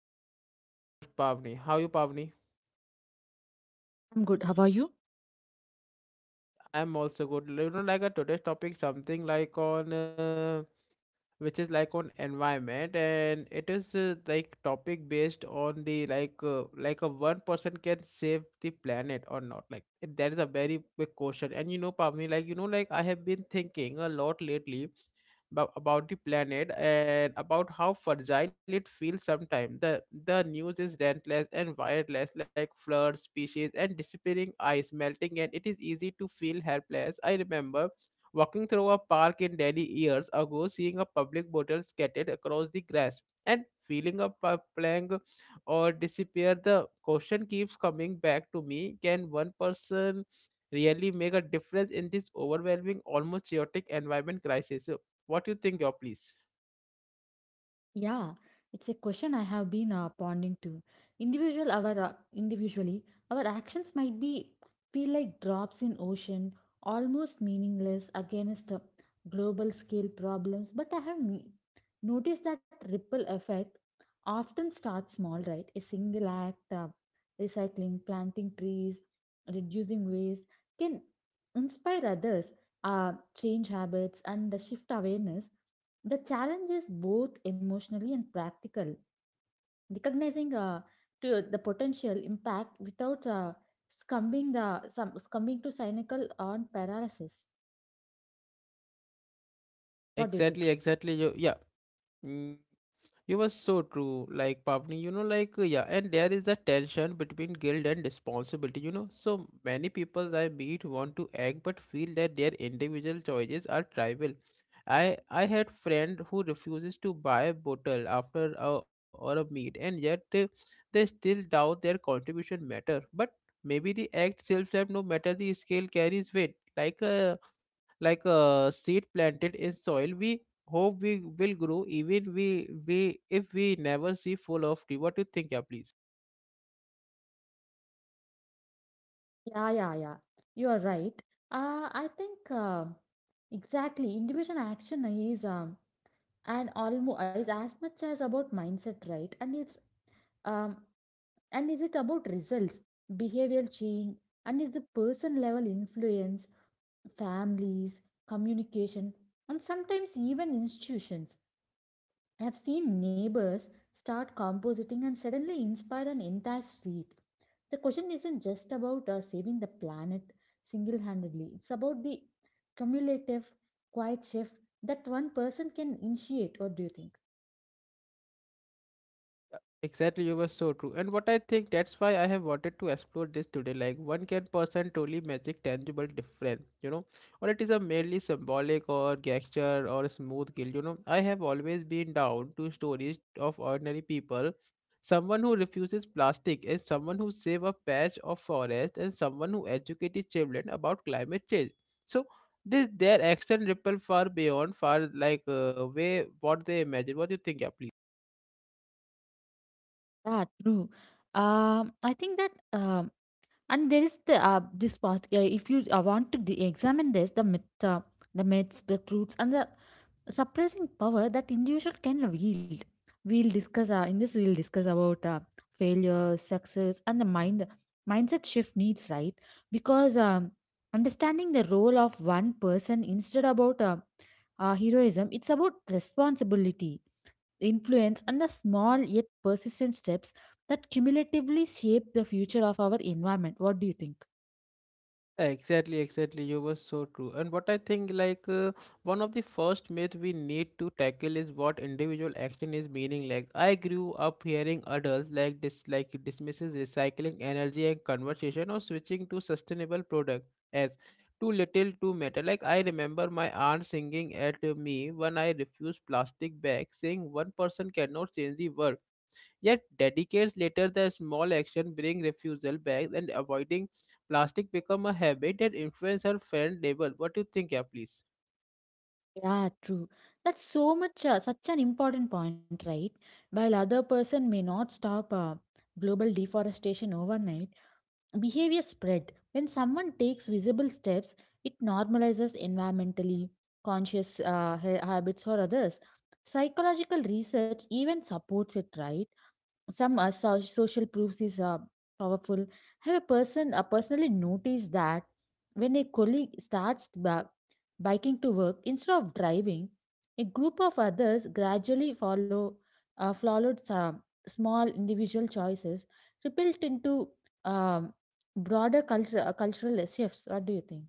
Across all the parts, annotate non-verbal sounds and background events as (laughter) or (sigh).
with me is our co-host Pavni. How you Pavni? I'm good. How are you? I am also good. You know like a today's topic something like on which is like on environment and it is like topic based on the like a one person can save the planet or not like that is a very big question. And you know Pavni like you know like I have been thinking a lot lately about the planet and about how fragile it feels. Sometimes the news is relentless and wireless like floods species and disappearing ice melting, and it is easy to feel helpless. I remember walking through a park in Delhi years ago, seeing a public bottle scattered across the grass, and feeling a plank or disappear. The question keeps coming back to me: can one person really make a difference in this overwhelming, almost chaotic environment crisis? So, what do you think, your please? Yeah, it's a question I have been pondering to. Individual, our individually, our actions might be feel like drops in ocean, almost meaningless against global scale problems. But I have noticed that ripple effect often starts small, right? A single act, uh, recycling, planting trees, reducing waste, can inspire others, change habits, and shift awareness. The challenge is both emotionally and practical. Recognizing to the potential impact without succumbing to cynical on paralysis. Yeah, What do you think? exactly, exactly. You, yeah. Mm, You were so true, like Pavni, you know, like yeah, and there is a tension between guilt and responsibility, you know. So many people I meet want to act but feel that their individual choices are trivial. I I had friend who refuses to buy a bottle after or a meet, and yet they still doubt their contribution matter. But maybe the act itself, no matter the scale, carries weight. Like a seed planted in soil we hope we will grow even we if we never see full of tree. What do you think, yeah, please? Yeah, yeah, yeah. You are right. I think exactly individual action is and almost is as much as about mindset, right? And it's um and is it about results, behavioral change, and is the person level influence families, communication, and sometimes even institutions. I have seen neighbors start compositing and suddenly inspire an entire street. The question isn't just about saving the planet single handedly, it's about the cumulative, quiet shift that one person can initiate. What do you think? Exactly, you were so true. And what I think, that's why I have wanted to explore this today. Like one can person truly magic tangible difference, you know, or it is a merely symbolic or gesture or a smooth kill. You know, I have always been down to stories of ordinary people. Someone who refuses plastic is someone who save a patch of forest and someone who educated children about climate change. So this their action ripple far beyond far like way what they imagine. What do you think, yeah, please? Yeah, true. I think that, and there is the this part. If you want to examine this, the myth, the myths, the truths, and the suppressing power that individual can wield. We'll discuss in this. We'll discuss about failure, success, and the mindset shift needs right because understanding the role of one person instead about heroism. It's about responsibility, influence, and the small yet persistent steps that cumulatively shape the future of our environment. What do you think? Exactly, exactly. You were so true. And what I think, like, one of the first myth we need to tackle is what individual action is meaning. Like, I grew up hearing adults like dismisses recycling energy and conversation or switching to sustainable product as too little, to matter. Like, I remember my aunt singing at me when I refused plastic bags, saying one person cannot change the world. Yet, decades later, the small action bring refusal back and avoiding plastic become a habit that influence our friend label. What do you think, yeah, please? Yeah, true. That's so much, such an important point, right? While other person may not stop global deforestation overnight, behavior spread. When someone takes visible steps, it normalizes environmentally conscious habits for others. Psychological research even supports it, right? Social proofs is powerful. Have a person personally noticed that when a colleague starts biking to work instead of driving, a group of others gradually follow, followed some small individual choices, rebuilt into um, broader culture, cultural shifts. What do you think?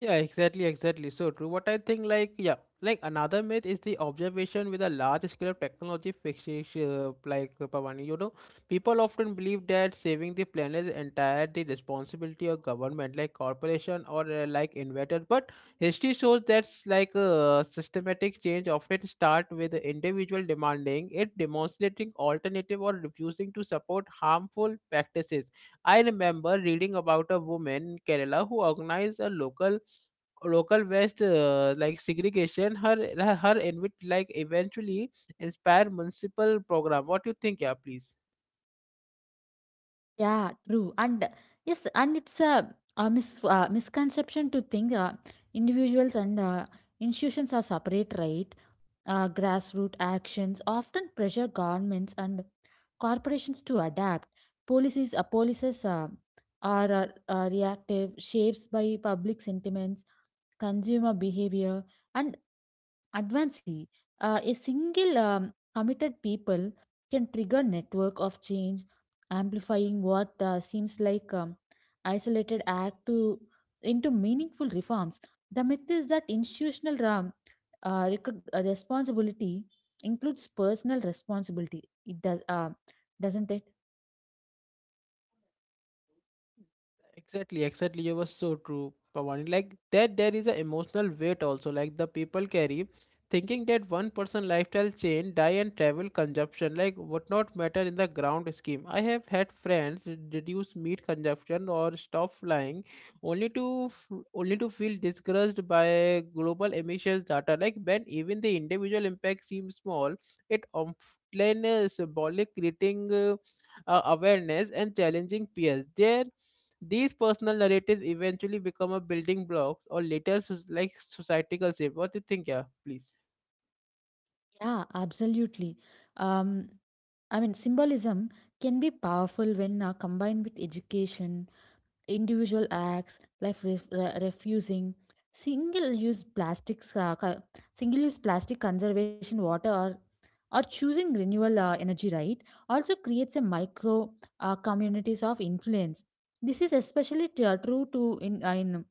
Yeah, exactly, exactly. So true. What I think, like, yeah, like another myth is the observation with a large scale of technology fixation, like Pavani. You know, people often believe that saving the planet is entirely responsibility of government, like corporation or like inventor. But history shows that's like systematic change often start with the individual demanding it, demonstrating alternative or refusing to support harmful practices. I remember reading about a woman in Kerala who organized a local West like segregation. Her invite like eventually inspired municipal program. What do you think, yeah, please? Yeah, true. And yes, and it's a misconception to think individuals and institutions are separate, right? Grassroots actions often pressure governments and corporations to adapt policies are reactive shapes by public sentiments, consumer behavior, and advocacy. A single committed people can trigger network of change, amplifying what seems like isolated act to into meaningful reforms. The myth is that institutional responsibility includes personal responsibility. It does, doesn't it? Exactly, exactly. You were so true, Pawani. Like that, there is an emotional weight also. Like the people carry, thinking that one person lifestyle change, diet and travel consumption, like would not matter in the ground scheme. I have had friends reduce meat consumption or stop flying, only to feel discouraged by global emissions data. Like when even the individual impact seems small, it often is symbolic, creating awareness and challenging peers. There these personal narratives eventually become a building blocks or later like society concept. What do you think, yeah? Please. Yeah, absolutely. Um, I mean, symbolism can be powerful when combined with education, individual acts like refusing single-use plastics, single-use plastic conservation water or choosing renewable energy, right? Also creates a micro communities of influence. This is especially true to in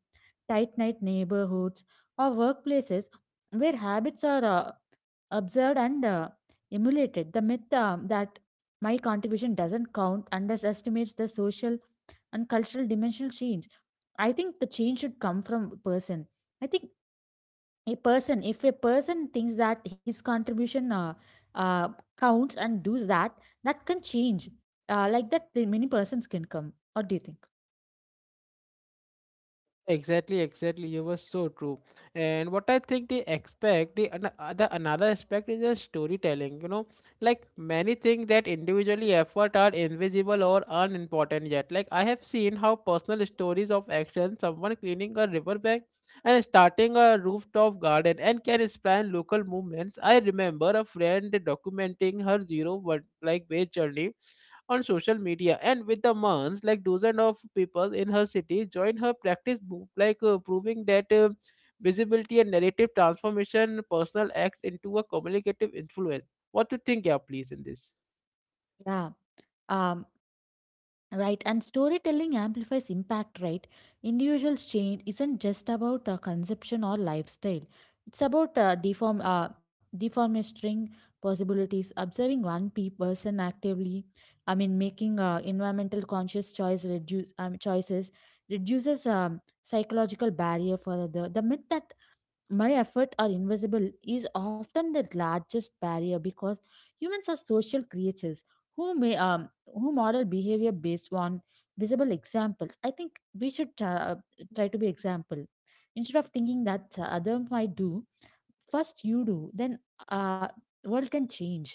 tight-knit neighborhoods or workplaces where habits are observed and emulated. The myth that my contribution doesn't count underestimates the social and cultural dimensional change. I think the change should come from a person. I think a person, if a person thinks that his contribution uh, counts and does that, that can change. Like that, the many persons can come. What do you think? Exactly, exactly. You were so true. And what I think they expect, the another aspect is the storytelling. You know, like many things that individually effort are invisible or unimportant yet. Like I have seen how personal stories of action, someone cleaning a riverbank and starting a rooftop garden, and can inspire local movements. I remember a friend documenting her zero one like wage journey on social media and with the months like dozens of people in her city joined her practice group like proving that visibility and narrative transformation personal acts into a communicative influence. What do you think, yeah, please, in this? Yeah. Um, Right, and storytelling amplifies impact, right? Individuals change isn't just about consumption or lifestyle. It's about deformistering possibilities, observing one person actively. I mean, making environmental conscious choices reduces psychological barrier for the myth that my effort are invisible is often the largest barrier because humans are social creatures who may who model behavior based on visible examples. I think we should try to be example instead of thinking that other might do first. You do, then uh world can change.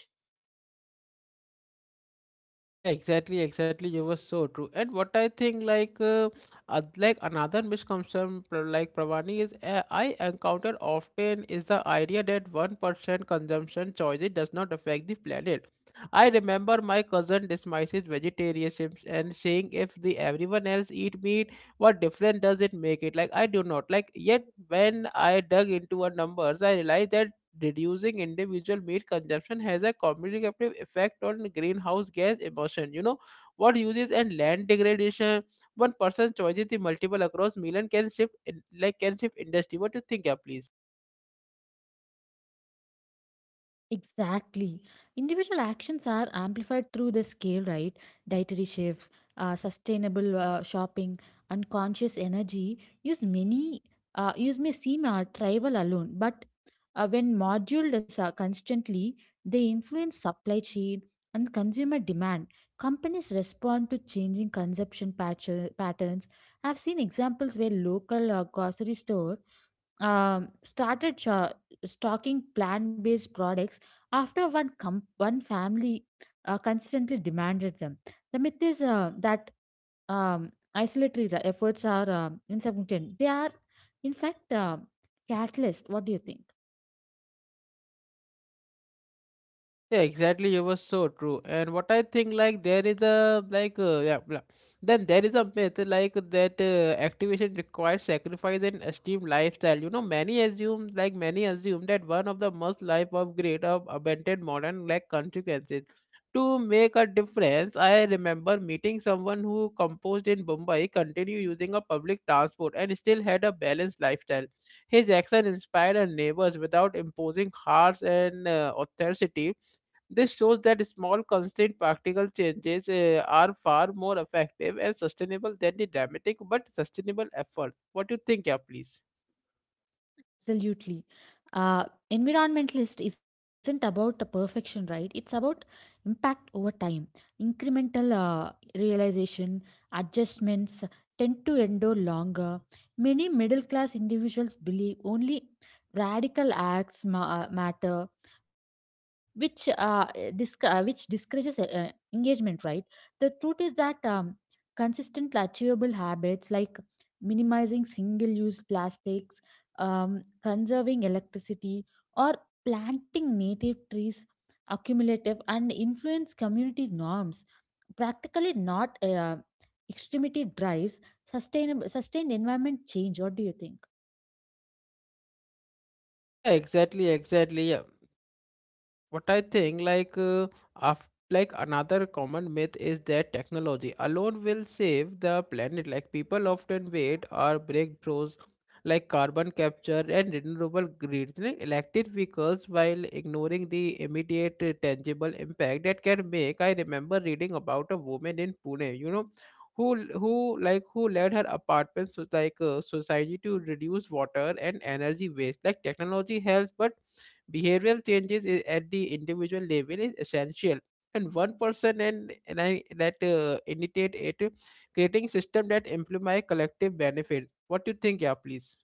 Yeah, exactly, exactly. You were so true. And what I think, like another misconception, like Pravani, is I encounter often is the idea that 1% consumption choices does not affect the planet. I remember my cousin despises vegetarianism and saying if the everyone else eat meat, what difference does it make it? Like I do not like. Yet when I dug into our numbers, I realized that reducing individual meat consumption has a cumulative effect on greenhouse gas emission. You know, what uses and land degradation. One person's choices the multiple across million can shift like can shift industry. What do you think, yeah, please? Exactly. Individual actions are amplified through the scale, right? Dietary shifts, sustainable shopping, unconscious energy use many use may seem trivial alone, but when moduled as, constantly, they influence supply chain and consumer demand. Companies respond to changing patterns. I've seen examples where local grocery stores um, started sho- stocking plant-based products after one family consistently demanded them. The myth is that um, isolatory efforts are insufficient. They are, in fact, catalyst. What do you think? Yeah, exactly. You were so true. And what I think, like, there is a like, yeah, blah. Then there is a myth like that activation requires sacrifice and esteemed lifestyle. You know, many assume that one of the must life of great of abandoned modern like consequences. To make a difference, I remember meeting someone who composed in Mumbai, continued using a public transport, and still had a balanced lifestyle. His action inspired our neighbors without imposing harsh and authority. This shows that small, constant practical changes are far more effective and sustainable than the dramatic but sustainable effort. What do you think, yeah, please? Absolutely. Uh, Environmentalist isn't about the perfection, right? It's about impact over time. Incremental realization, adjustments tend to endure longer. Many middle class individuals believe only radical acts matter, which which discourages engagement, right? The truth is that consistent, achievable habits like minimizing single use plastics, um, conserving electricity, or planting native trees, accumulative and influence community norms. Practically not extremity drives sustainable sustained environment change. What do you think? Yeah, exactly, exactly. Yeah. What I think like af- like another common myth is that technology alone will save the planet. Like people often wait our breakthroughs like carbon capture and renewable grids like electric vehicles, while ignoring the immediate tangible impact that can make. I remember reading about a woman in Pune, you know, who who like who led her apartment so, like society to reduce water and energy waste. Like technology helps, but behavioral changes is at the individual level is essential, and one person and I, that initiate it, creating system that implement collective benefit. What do you think, yeah, please?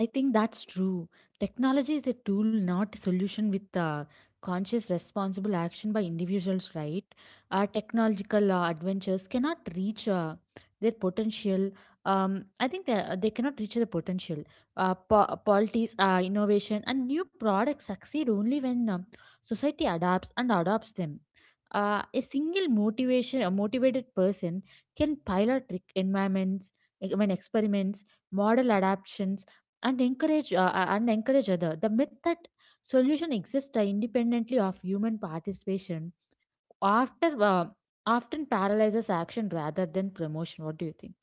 I think that's true. Technology is a tool, not a solution with conscious, responsible action by individuals, right? Technological adventures cannot reach their potential. I think they cannot reach their potential. Polities, innovation, and new products succeed only when society adapts and adopts them. A motivated person can pilot trick environments, I mean experiments, model adaptations and encourage other. The myth that solution exists independently of human participation after often paralyzes action rather than promotion. What do you think?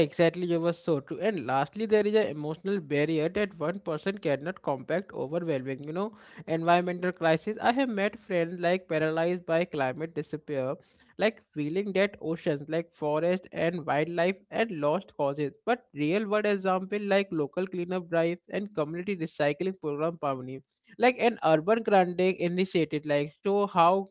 Exactly, you were so true. And lastly, there is an emotional barrier that one person cannot combat overwhelming, you know, environmental crisis. I have met friends like paralyzed by climate disappear, like feeling that oceans, like forest and wildlife and lost causes. But real world example like local cleanup drives and community recycling program Pavni, like an urban grounding initiative, like show how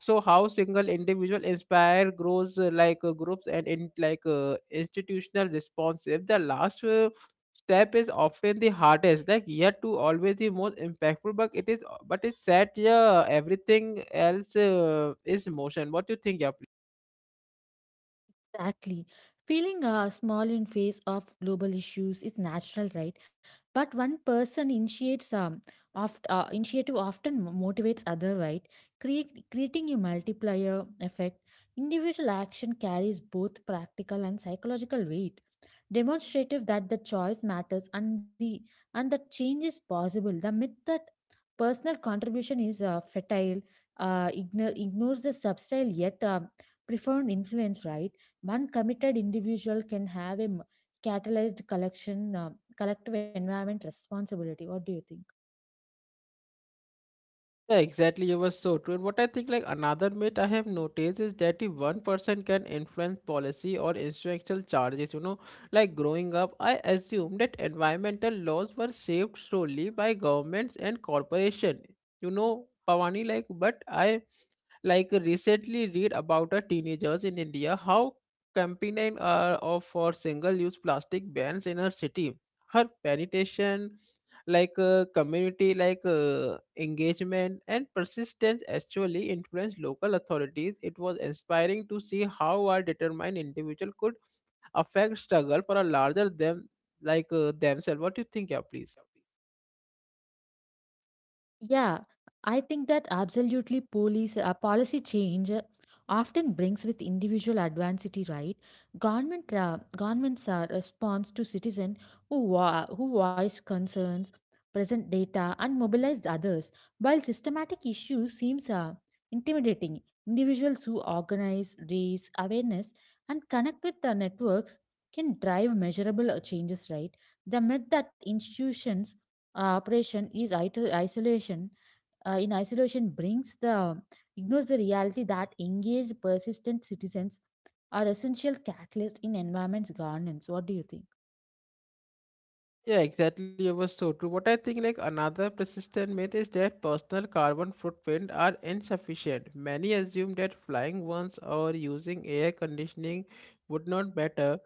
so how single individual inspire grows like groups and in like institutional responsive. The last step is often the hardest, like yet to always the most impactful. But it is, but it's sad, yeah, everything else is motion. What do you think, yeah? Exactly. Feeling small in face of global issues is natural, right? But one person initiates initiative often motivates other, right? Creating a multiplier effect. Individual action carries both practical and psychological weight, demonstrative that the choice matters and the and that change is possible. The myth that personal contribution is fertile ignores the subtle yet profound influence, right? One committed individual can have catalyzed collective environment responsibility. What do you think? Yeah, exactly. You were so true. And what I think, like another myth I have noticed is that if one person can influence policy or instructional charges, you know, like growing up, I assumed that environmental laws were shaped solely by governments and corporation. You know, Pavani, like, but I like recently read about a teenagers in india how campaigning of for single use plastic bans in her city. Her penetration like community like engagement and persistence actually influenced local authorities. It was inspiring to see how a determined individual could affect struggle for a larger them like themselves. What do you think, yeah, please? Yeah, I think that absolutely police policy change often brings with individual adversity, right? Governments are response to citizen who voiced concerns, present data, and mobilized others. While systematic issues seems intimidating, individuals who organize, raise awareness, and connect with the networks can drive measurable changes, right? The myth that institutions operation is ito- isolation in isolation brings the ignores the reality that engaged persistent citizens are essential catalysts in environment's governance. What do you think? Yeah, exactly. It was so true. What I think, like another persistent myth is that personal carbon footprint are insufficient. Many assume that flying once or using air conditioning would not matter,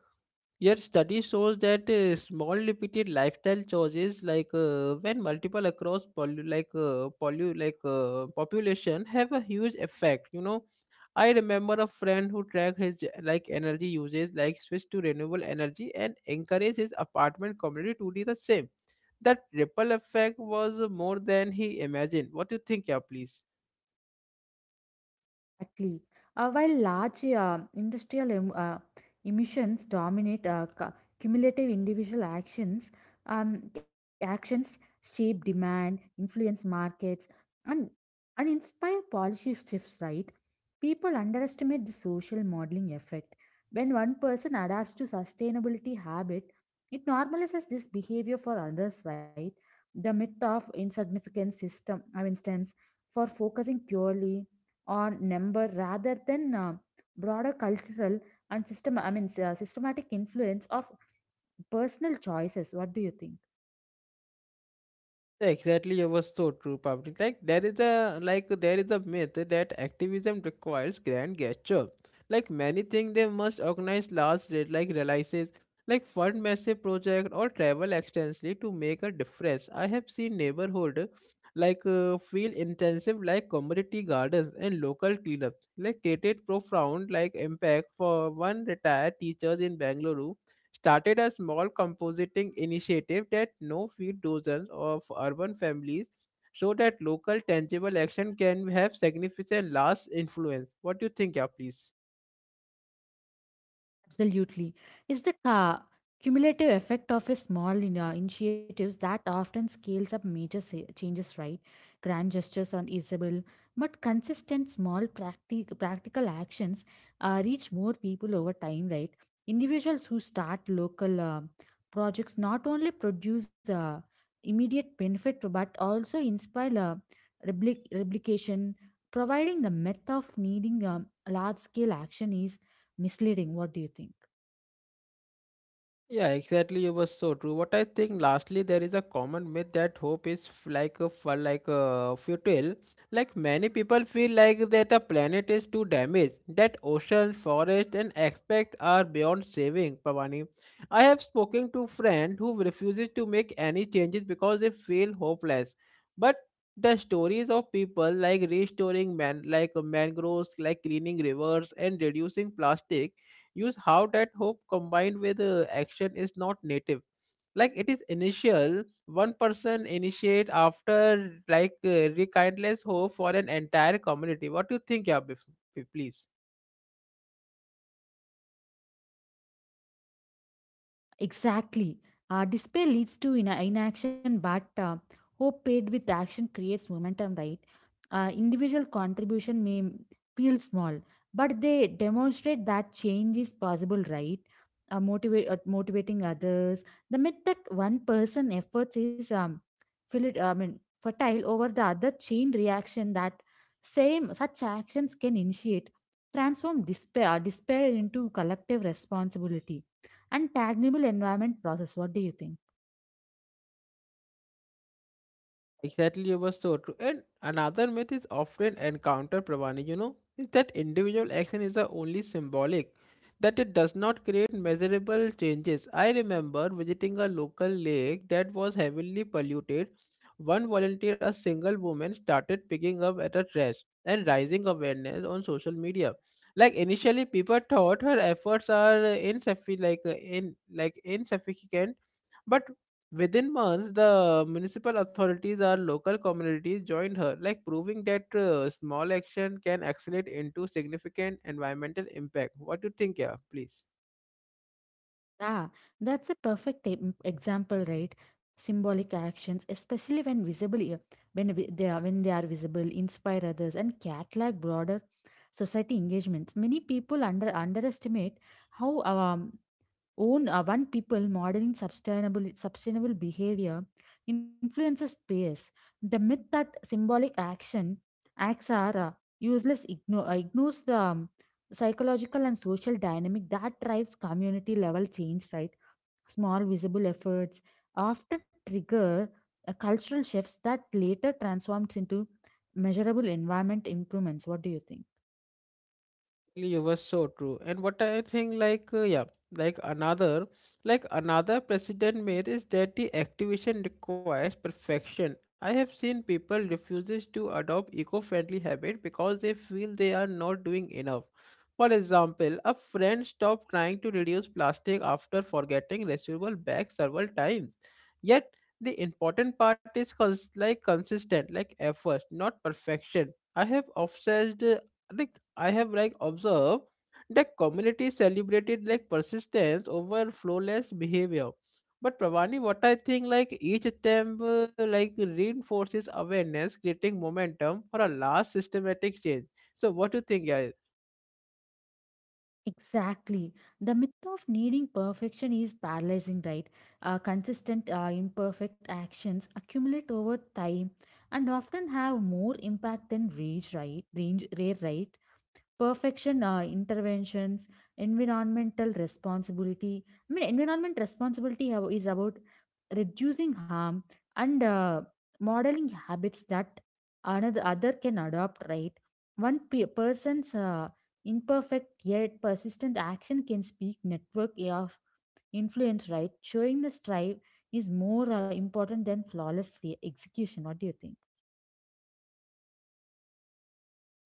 yet study shows that small repeated lifestyle choices, like when multiple across poly, like population, have a huge effect. You know, I remember a friend who tracked his like energy uses, like switched to renewable energy, and encouraged his apartment community to do the same. That ripple effect was more than he imagined. What do you think, yeah, please? Exactly. While large emissions dominate cumulative individual actions, actions shape demand, influence markets, and, and inspire policy shifts, right? People underestimate the social modeling effect. When one person adapts to sustainability habit, it normalizes this behavior for others, right? The myth of insignificant system, I mean, stems for focusing purely or number rather than broader cultural and systematic influence of personal choices. What do you think? Exactly, it was so true, public. There is a myth that activism requires grand gesture. Like many things, they must organize large like releases, like fund massive project or travel extensively to make a difference. I have seen neighborhood feel intensive like community gardens and local cleanups, like created profound like impact for one retired teacher in Bangalore started a small compositing initiative that now feed dozens of urban families so that local tangible action can have significant last influence. What do you think, yeah, please? Absolutely. It's the cumulative effect of a small initiatives that often scales up changes, right? Grand gestures are usable, but consistent small practical actions reach more people over time, right? Individuals who start local projects not only produce immediate benefit but also inspire replication, providing the myth of needing large scale action is misleading. What do you think? Yeah, exactly. You were so true. What I think, lastly, there is a common myth that hope is f- like a fu- like a futile. Like many people feel like that the planet is too damaged, that oceans, forests, and aspects are beyond saving. Pavani, I have spoken to friend who refuses to make any changes because they feel hopeless. But the stories of people like restoring mangroves, like cleaning rivers, and reducing plastic use how that hope combined with action is not native, like it is initial one person initiate after rekindless hope for an entire community. What do you think, yeah, please? Exactly. Despair leads to inaction, but hope paired with action creates momentum, right? Individual contribution may feel small, but they demonstrate that change is possible, right? Motivating others. The myth that one person efforts is fertile over the other chain reaction that same such actions can initiate, despair into collective responsibility, and tangible environment process. What do you think? Exactly, it was so true. And another myth is often encountered, Pravani, you know, is that individual action is the only symbolic, that it does not create measurable changes. I remember visiting a local lake that was heavily polluted. One volunteer, a single woman, started picking up at a trash and raising awareness on social media. Like initially, people thought her efforts are insufficient, like in like insufficient, but within months, the municipal authorities or local communities joined her, like proving that small action can accelerate into significant environmental impact. What do you think, yeah? Please. Ah, that's a perfect example, right? Symbolic actions, especially when visible, when they are visible, inspire others, and catalog broader society engagements. Many people underestimate how own one people modeling sustainable behavior influences peers. The myth that symbolic action acts are useless ignores the psychological and social dynamic that drives community level change, right? Small visible efforts often trigger cultural shifts that later transforms into measurable environment improvements. What do you think? Exactly, you were so true. And what I think yeah, like another like another precedent made is that the activation requires perfection. I have seen people refuses to adopt eco-friendly habit because they feel they are not doing enough. For example, a friend stopped trying to reduce plastic after forgetting reusable bags several times. Yet the important part is consistent like effort, not perfection. Like I have like observed that community celebrated like persistence over flawless behavior. But Pravani, what I think like each attempt like reinforces awareness, creating momentum for a large systematic change. So what do you think, guys? Exactly. The myth of needing perfection is paralyzing, right? Consistent, imperfect actions accumulate over time and often have more impact than rare, right? Perfection interventions. Environmental responsibility, I mean, environment responsibility is about reducing harm and modeling habits that another other can adopt, right? One person's imperfect yet persistent action can speak network of influence, right? Showing the strive is more important than flawless execution. What do you think?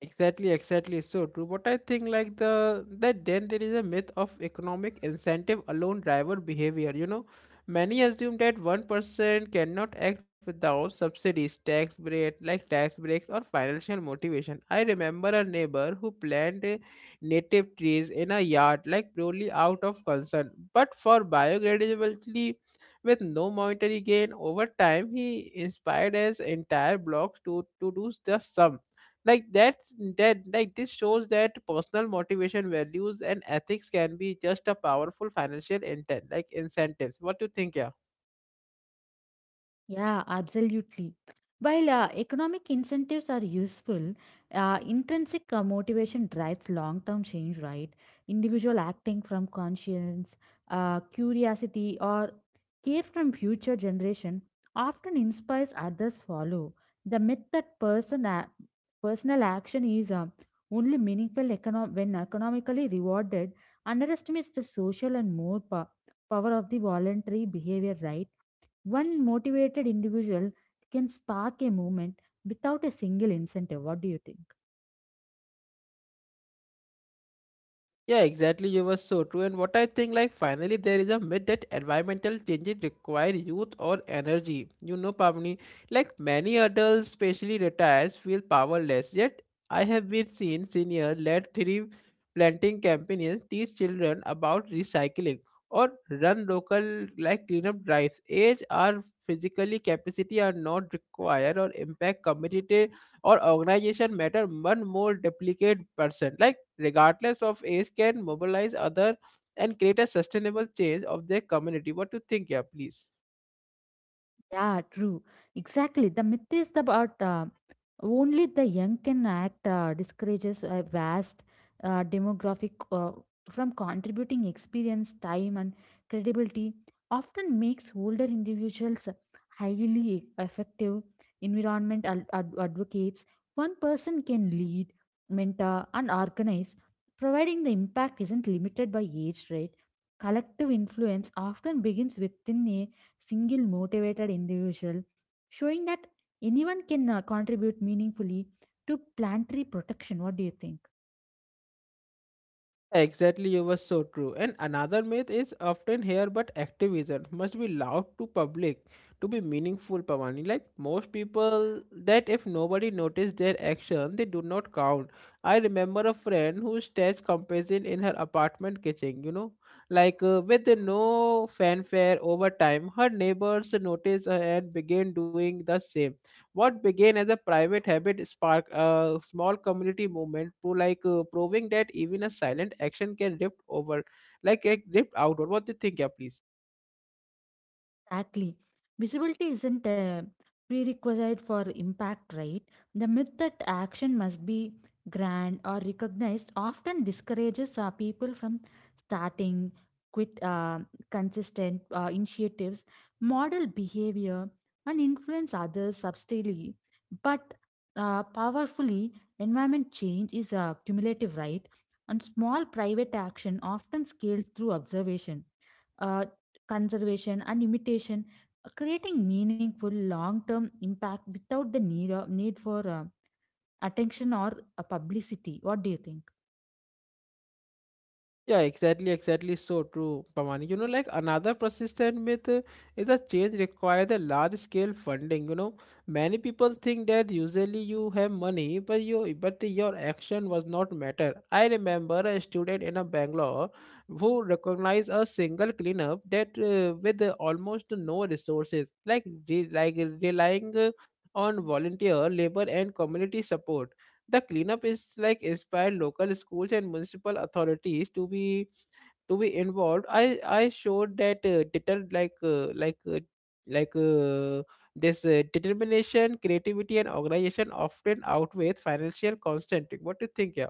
Exactly, exactly. So true. But I think like then there is a myth of economic incentive alone driver behavior. You know, many assume that one person cannot act without subsidies, tax breaks or financial motivation. I remember a neighbor who planted native trees in a yard like purely out of concern, but for biodegradability with no monetary gain. Over time he inspired his entire block to do the sum, like that's like this shows that personal motivation, values and ethics can be just a powerful financial intent like incentives. What do you think, yeah? Yeah, absolutely. While economic incentives are useful, intrinsic motivation drives long term change, right? Individual acting from conscience, curiosity, or care from future generation often inspires others follow. The myth that personal action is only meaningful when economically rewarded underestimates the social and more power of the voluntary behavior, right? One motivated individual can spark a movement without a single incentive. What do you think? Yeah, exactly. You were so true. And what I think, like, finally, there is a myth that environmental changes require youth or energy. You know, Pavni, like many adults, especially retirees, feel powerless. Yet, I have been seen senior led tree planting campaigns teach children about recycling or run local like cleanup drives. Age or physically capacity are not required or impact community or organization matter one more duplicate person. Like regardless of age, can mobilize other and create a sustainable change of their community. What do you think, yeah, please? Yeah, true. Exactly. The myth is about only the young can act discourages a vast demographic from contributing experience, time, and credibility. Often makes older individuals highly effective environment advocates. One person can lead, mentor, and organize, providing the impact isn't limited by age, right? Collective influence often begins within a single motivated individual, showing that anyone can contribute meaningfully to planetary protection. What do you think? Exactly, you were so true. And another myth is often here, but activism must be loud to public to be meaningful, Pavani. Like most people, that if nobody noticed their action, they do not count. I remember a friend who staged comparison in her apartment kitchen, you know, with no fanfare. Over time, her neighbors noticed her and began doing the same. What began as a private habit sparked a small community movement to proving that even a silent action can drift over, like it drift outward. What do you think, yeah, please? Exactly. Visibility isn't a prerequisite for impact, right? The myth that action must be grand or recognized often discourages people from starting quit consistent initiatives, model behavior, and influence others subtly. But powerfully, environment change is cumulative, right? And small private action often scales through observation. Uh, conservation and imitation, creating meaningful long-term impact without the need for attention or publicity. What do you think? Yeah, exactly, exactly. So true, Pamani. You know, like another persistent myth is a change requires a large scale funding. You know, many people think that usually you have money, but your action was not matter. I remember a student in a Bangalore who recognized a single cleanup that with almost no resources, relying on volunteer labor and community support. The cleanup is like inspired local schools and municipal authorities to be involved. I showed that deter like this determination, creativity, and organization often outweigh financial constraint. What do you think? Yeah.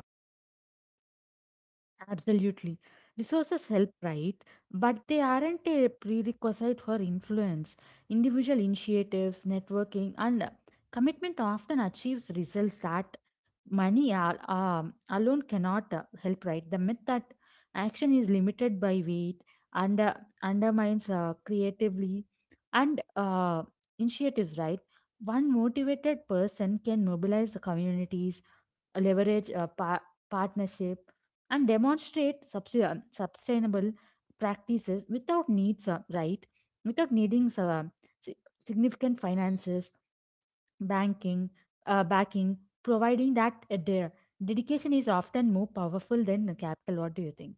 Absolutely. Resources help, right? But they aren't a prerequisite for influence. Individual initiatives, networking, and commitment often achieves results that money alone cannot help. Right, the myth that action is limited by weight and undermines creatively and initiatives, right? One motivated person can mobilize communities, leverage a partnership, and demonstrate sustainable practices without needs right, without needing si- significant finances, banking backing, providing that dedication is often more powerful than the capital. What do you think?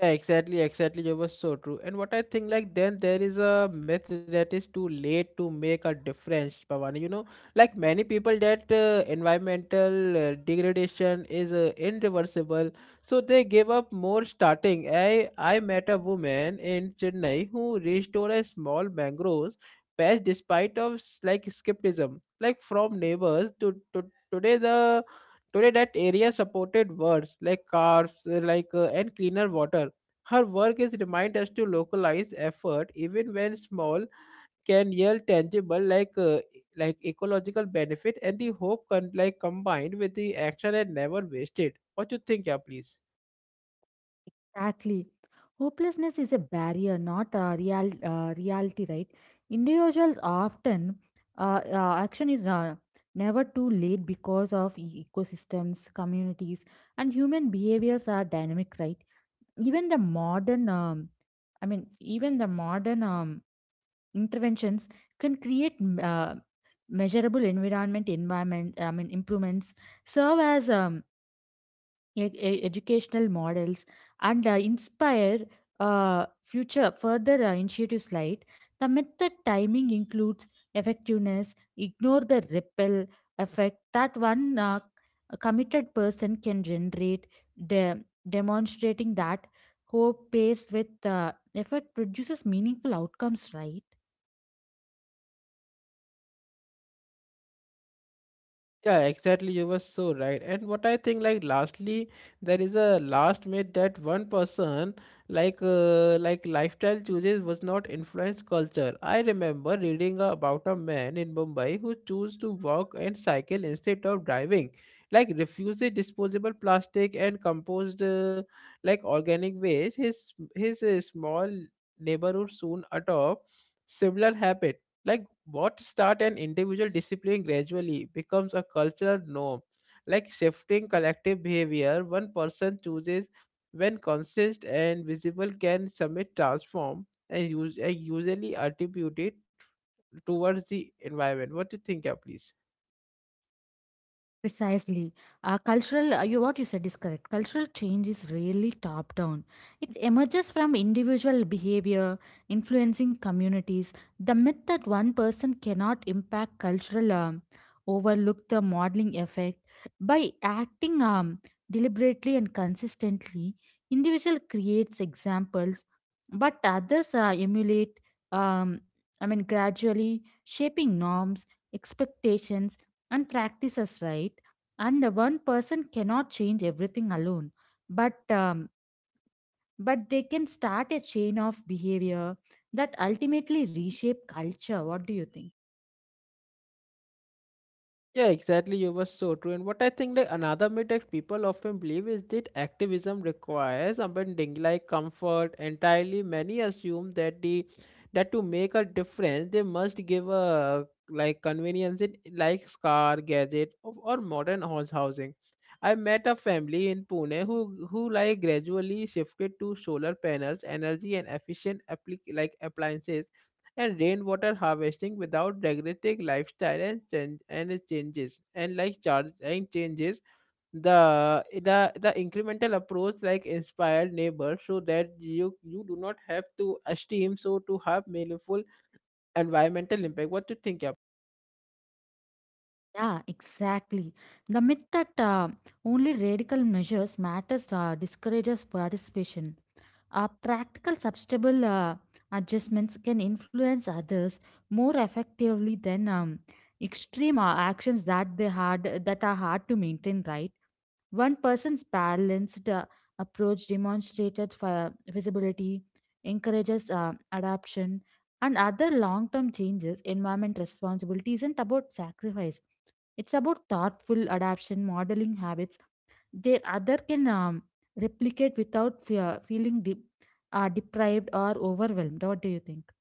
Yeah, exactly, exactly. You were so true. And what I think, like, then there is a myth that is too late to make a difference, Pavani. You know, like many people, that environmental degradation is irreversible, so they give up more starting. I met a woman in Chennai who restored a small mangroves patch despite of skepticism, like from neighbors to today. The today That area supported birds like cars like and cleaner water. Her work is remind us to localize effort, even when small, can yield tangible ecological benefit, and the hope can like combined with the action and never wasted. What you think, yeah, please? Exactly. Hopelessness is a barrier, not a real reality, right? Individuals often action is never too late because of ecosystems, communities, and human behaviors are dynamic, right? Even the modern, even the modern interventions can create measurable environment, I mean, improvements serve as educational models and inspire future further initiatives, like the method timing includes effectiveness ignore the ripple effect that one committed person can generate, de- demonstrating that hope pairs with effort produces meaningful outcomes, right? Yeah, exactly. You were so right. And what I think, like, lastly, there is a last myth that one person, lifestyle choices was not influence culture. I remember reading about a man in Mumbai who chose to walk and cycle instead of driving, like, refused disposable plastic and composed, like, organic waste. His small neighborhood soon adopt similar habit. Like what start an individual discipline gradually becomes a cultural norm, like shifting collective behavior. One person chooses when conscious and visible can submit transform and, and usually attribute it towards the environment. What do you think, yeah, please? Precisely. You, what you said is correct. Cultural change is really top down. It emerges from individual behavior, influencing communities. The myth that one person cannot impact cultural overlook the modeling effect. By acting deliberately and consistently, individual creates examples, but others emulate, um, gradually shaping norms, expectations, and practices, right? And one person cannot change everything alone, but um, but they can start a chain of behavior that ultimately reshape culture. What do you think? Yeah, exactly. You were so true. And what I think like another myth that people often believe is that activism requires abandoning like comfort entirely. Many assume that the that to make a difference they must give a like convenience in like car, gadget or modern house housing. I met a family in Pune who like gradually shifted to solar panels, energy and efficient appliances and rainwater harvesting without degrading lifestyle and change and it changes and like charge and changes the the the incremental approach like inspired neighbors so that you do not have to esteem so to have meaningful environmental impact. What do you think? Yeah, exactly. The myth that only radical measures matters discourages participation. Practical substantial adjustments can influence others more effectively than extreme actions that they had that are hard to maintain, right? One person's balanced approach demonstrated visibility, encourages adaption, and other long term changes. Environment responsibility isn't about sacrifice, it's about thoughtful adaptation, modeling habits. Their other can replicate without fear, feeling deprived or overwhelmed. What do you think?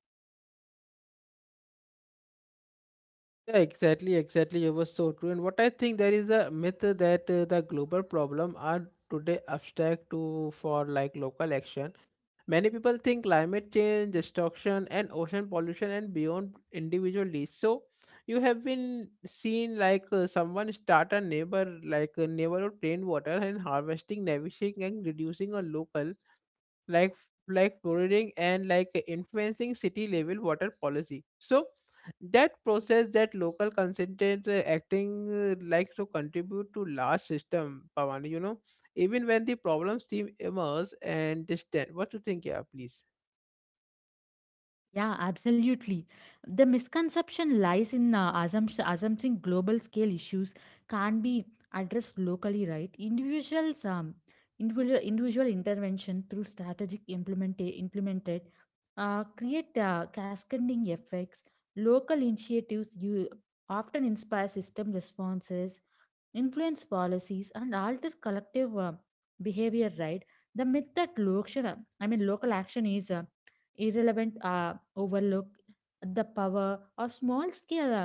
Yeah, exactly, exactly. You were so true. And what I think there is a myth that the global problem are today abstract to for like local action. Many people think climate change, destruction, and ocean pollution and beyond individually. So, you have been seen someone start a neighborhood rainwater and harvesting, navigation, and reducing a local prodding and like influencing city level water policy, so that process that local consultant acting like to contribute to large system. Pavani, you know, even when the problems seem immense and distant, what do you think, yeah, please? Yeah, absolutely. The misconception lies in assuming global scale issues can't be addressed locally, right? Individual intervention through strategic implemented create cascading effects. Local initiatives you often inspire system responses, influence policies, and alter collective behavior, right? The myth that local action is irrelevant overlook, the power, or small scale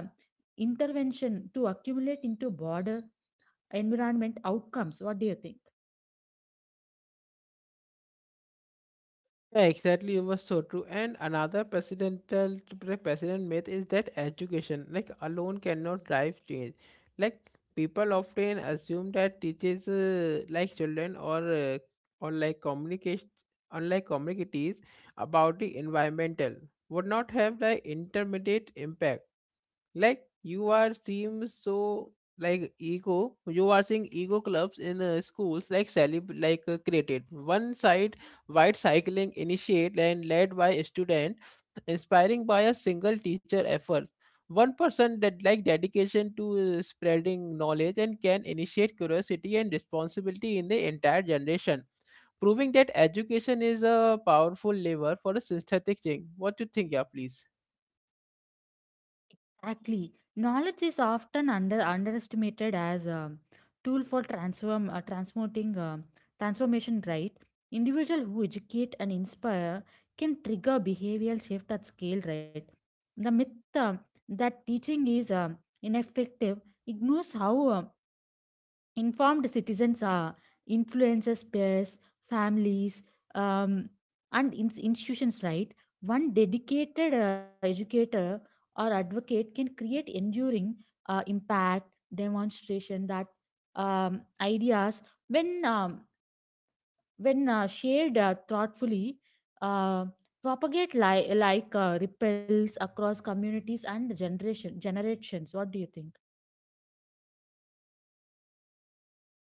intervention to accumulate into broader environment outcomes. What do you think? Yeah, exactly. It was so true. And another president myth is that education, like alone, cannot drive change. Like people often assume that teachers, like children or like communication, unlike communities about the environmental, would not have the intermediate impact. Like you are seems so, like ego you are seeing ego clubs in schools, like celeb like created one side white cycling initiate and led by a student, inspiring by a single teacher effort. One person that like dedication to spreading knowledge and can initiate curiosity and responsibility in the entire generation, proving that education is a powerful lever for a synthetic change. What do you think, yeah, please? Exactly. Knowledge is often under underestimated as a tool for transform transmuting transformation. Right, individual who educate and inspire can trigger behavioral shift at scale. Right, the myth that teaching is ineffective ignores how informed citizens are influences peers, families, um, and institutions, right? One dedicated educator or advocate can create enduring impact, demonstration that ideas when um, when shared thoughtfully uh, propagate like ripples across communities and generations. What do you think?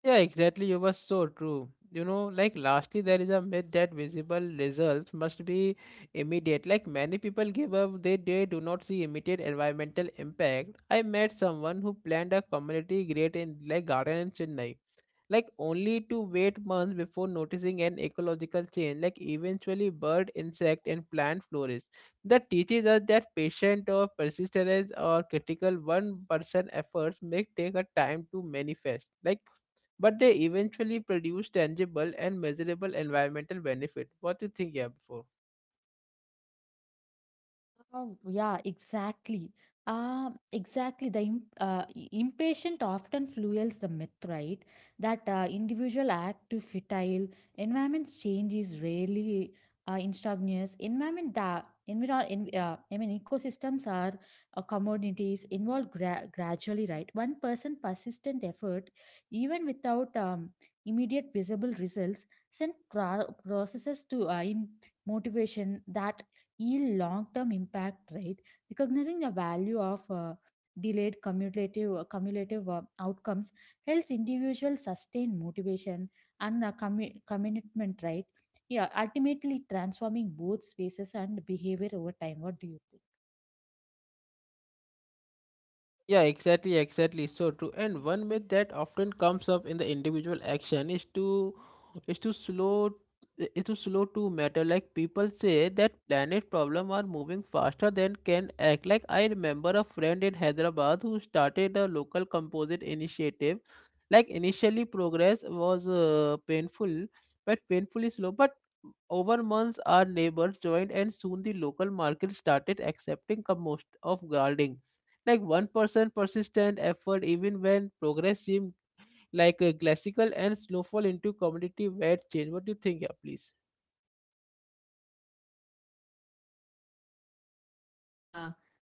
Yeah, exactly. You were so true. You know, like lastly, there is a myth that visible results must be immediate. Like many people give up, they do not see immediate environmental impact. I met someone who planned a community great in like garden in Chennai, like only to wait months before noticing an ecological change. Like eventually bird, insect and plant flourish. That teaches us that patient or persistence or critical one person efforts may take a time to manifest, like, but they eventually produce tangible and measurable environmental benefit. What do you think, yeah, before? Yeah, exactly. Exactly. The impatient often fuels the myth, right? That individual act to futile. Environment's change is rarely instantaneous. Environment that environ en I mean, ecosystems are commodities involved gradually, right? One person persistent effort, even without immediate visible results, send processes to in motivation that yield long-term impact, right? Recognizing the value of delayed cumulative outcomes helps individuals sustain motivation and commitment, right? Yeah, ultimately transforming both spaces and behavior over time. What do you think? Yeah, exactly, exactly. So true. And one myth that often comes up in the individual action is to slow is to slow to matter. Like people say that planet problem are moving faster than can act. Like I remember a friend in Hyderabad who started a local composite initiative. Like initially progress was painful, but painfully slow. But over months, our neighbors joined, and soon the local market started accepting compost of gardening. Like one person persistent effort, even when progress seems like a classical and snowfall into community wide change. What do you think, yeah, please? Uh,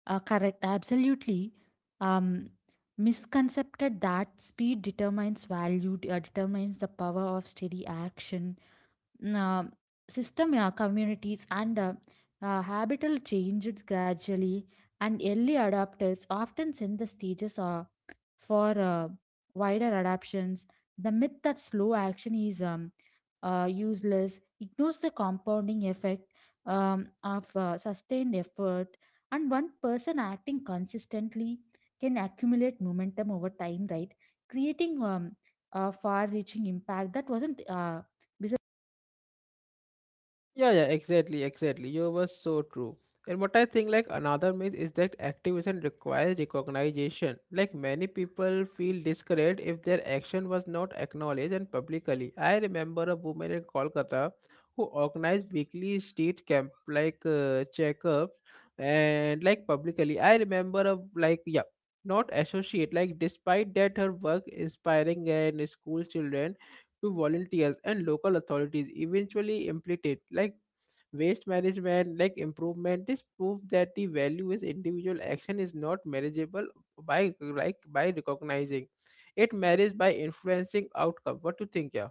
correct, absolutely. Um, misconcepted that speed determines value, determines the power of steady action. Uh, system communities and habitual changes gradually, and early adopters often send the stages for wider adoptions. The myth that slow action is useless ignores the compounding effect of sustained effort, and one person acting consistently can accumulate momentum over time, right? Creating a far reaching impact that wasn't Yeah, exactly, exactly. You were so true. And what I think, like another myth is that activism requires recognition. Like many people feel discouraged if their action was not acknowledged and publicly. I remember a woman in Kolkata who organized weekly street camp, like checkups, and like publicly. I remember a like yeah, not associate. Like despite that, her work inspiring and school children to volunteers and local authorities eventually implemented like waste management like improvement this proves that the value is individual action is not manageable by like by recognizing it marries by influencing outcome what do you think yeah?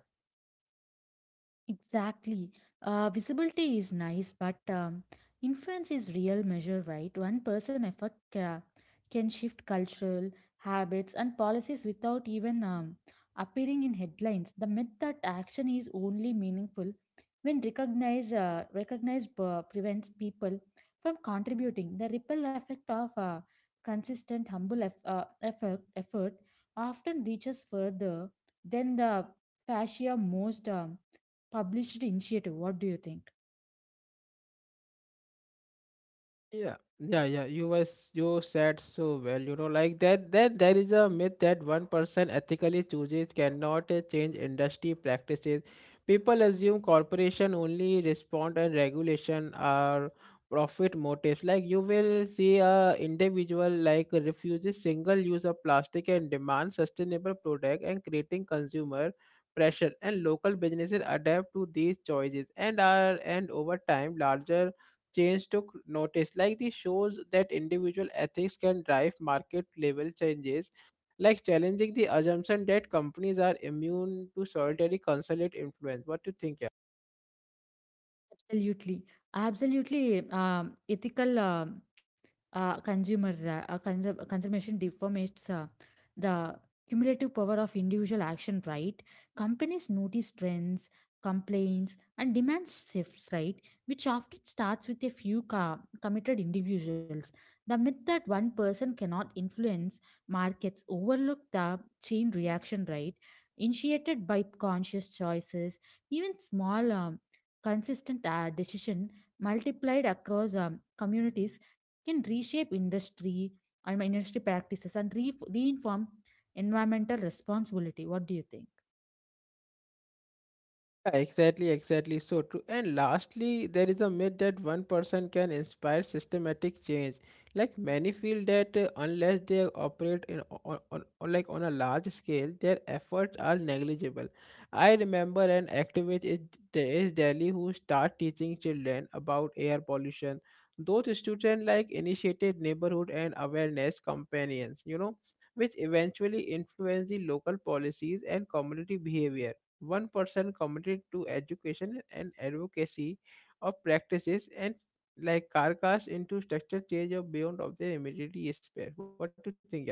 Exactly. Visibility is nice, but influence is real measure, right? One person effort can shift cultural habits and policies without even appearing in headlines. The myth that action is only meaningful when recognized prevents people from contributing. The ripple effect of consistent humble effort often reaches further than the fascia most. Published initiative. What do you think? Yeah, yeah, yeah. You said so well. You know, like that. Then there is a myth that one person ethically chooses cannot change industry practices. People assume corporation only respond and regulation or profit motives. Like you will see a individual like refuses single use of plastic and demand sustainable product and creating consumer pressure and local businesses adapt to these choices and are and over time larger change took notice. Like this shows that individual ethics can drive market level changes, like challenging the assumption that companies are immune to solitary consulate influence. What do you think? Absolutely. Absolutely. Ethical conservation deformates the cumulative power of individual action, right? Companies notice trends, complaints, and demands shifts, right? Which often starts with a few committed individuals. The myth that one person cannot influence markets overlook the chain reaction, right? Initiated by conscious choices, even small. Consistent decision multiplied across communities can reshape industry practices and reinform environmental responsibility. What do you think? Yeah, exactly, exactly. So true. And lastly, there is a myth that one person can inspire systematic change. Like many feel that unless they operate in on like on a large scale, their efforts are negligible. I remember an activist in De- is Delhi who start teaching children about air pollution. Those students like initiated neighborhood and awareness campaigns, you know, which eventually influence the local policies and community behavior one person committed to education and advocacy of practices and like carcass into structure change or beyond of their immediate sphere. What do you think, yeah, please?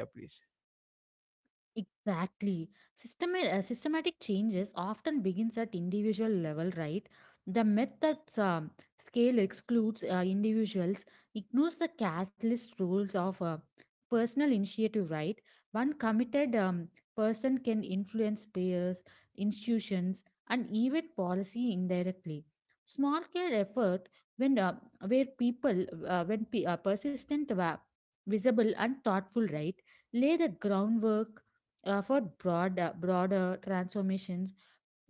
Exactly. Systematic changes often begins at individual level, right? The myth that scale excludes individuals ignores the catalyst rules of personal initiative, right? One committed person can influence peers, institutions, and even policy indirectly. Small scale effort when where people when pe- persistent, visible, and thoughtful, right? Lay the groundwork for broader transformations,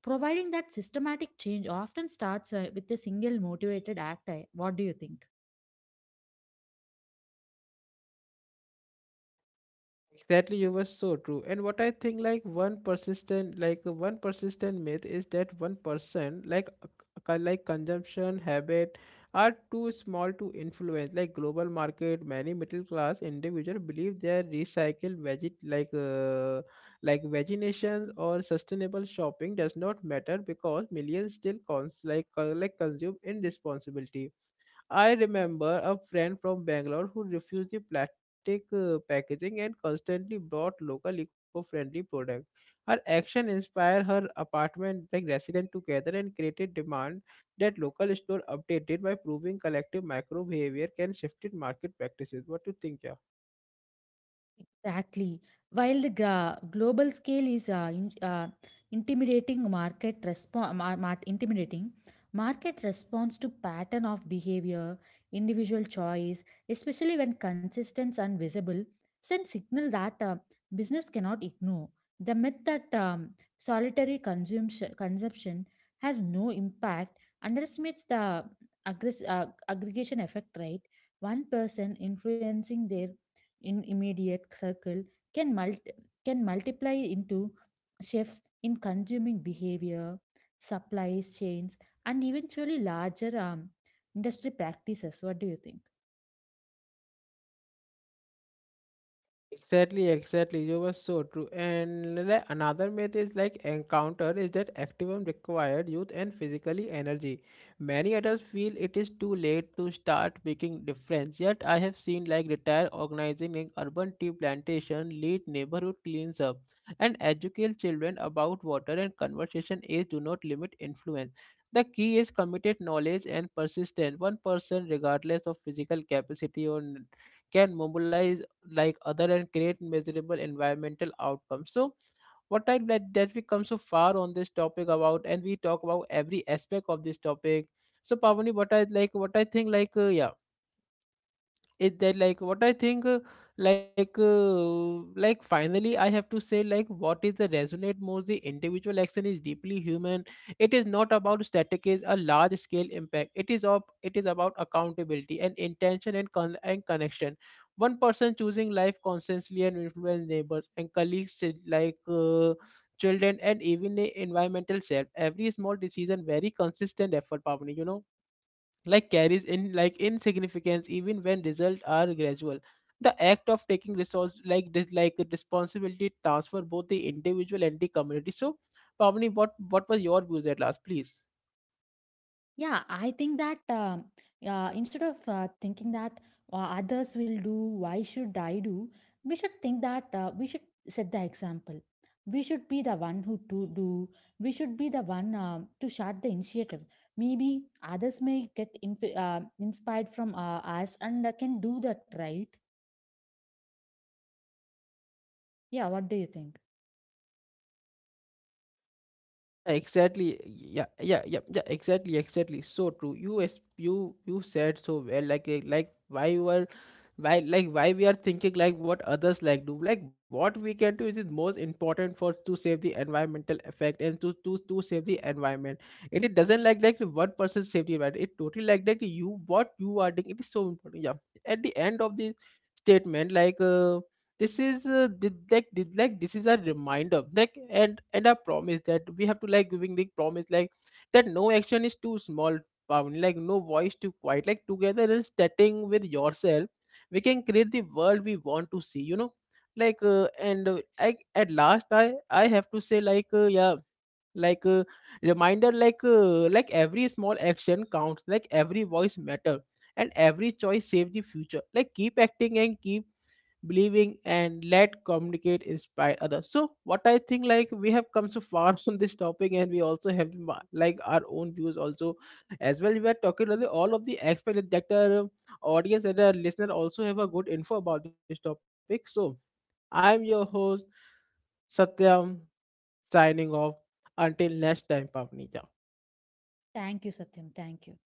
providing that systematic change often starts with a single motivated act. What do you think? Exactly, you were so true. And what I think, like one persistent myth is that one person, like consumption habit, are too small to influence. Like global market, many middle class individual believe their recycled vegetations or sustainable shopping does not matter because millions still consume irresponsibility. I remember a friend from Bangalore who refused the plastic packaging and constantly brought local eco-friendly products. Her action inspired her apartment like resident together and created demand that local store updated by proving collective micro behavior can shift market practices. What do you think, yeah? Exactly. While the global scale is intimidating market response, intimidating market response to pattern of behavior, individual choice, especially when consistent and visible, send signal that business cannot ignore. The myth that solitary consumption has no impact underestimates the aggregation effect. Right, one person influencing their in immediate circle can multi- can multiply into shifts in consuming behavior, supply chains, and eventually larger industry practices. What do you think? Exactly, exactly. You were so true. And like another myth is like encounter is that activism required youth and physically energy. Many adults feel it is too late to start making difference. Yet I have seen like retired organizing in urban tea plantation, lead neighborhood cleans up, and educate children about water and conversation age do not limit influence. The key is committed knowledge and persistence. One person, regardless of physical capacity or n- can mobilize like other and create measurable environmental outcomes so what I that, that we come so far on this topic about and we talk about every aspect of this topic so Pavani what I like what I think like yeah is that like what I think like uh, like finally I have to say like what is the resonate more the individual action is deeply human it is not about static is a large scale impact it is of it is about accountability and intention and and connection one person choosing life constantly and influence neighbors and colleagues is like children and even the environmental self every small decision very consistent effort Pavani, you know like carries in like insignificance even when results are gradual the act of taking resource like this like responsibility transfer both the individual and the community so Pavni, what was your views at last please? Yeah, I think that yeah, instead of thinking that uh, others will do, why should I do? We should think that we should set the example. We should be the one who to do. We should be the one to start the initiative. Maybe others may get inspired from us and can do that, right? Yeah, what do you think? Exactly. Yeah, yeah, yeah, yeah. Exactly, exactly. So true. You said so well. Like, eh, like why you are, why, like why we are thinking like what others like do. Like what we can do is the most important for to save the environmental effect and to save the environment. And it doesn't like the one person save the environment. It totally like that you what you are doing. It is so important. Yeah. At the end of this statement, like. This is this is a reminder like and a promise that we have to like giving the promise like that no action is too small pound like no voice too quiet like together in starting with yourself we can create the world we want to see you know like and I, at last I have to say like yeah like reminder like every small action counts like every voice matter and every choice save the future like keep acting and keep believing and let communicate inspire others so what I think like we have come so far (laughs) on this topic and we also have our own views also as well we are talking really all of the aspect that the audience and the listener also have a good info about this topic so I'm your host Satyam. Signing off. Until next time, Pavnija. Thank you, Satyam. Thank you.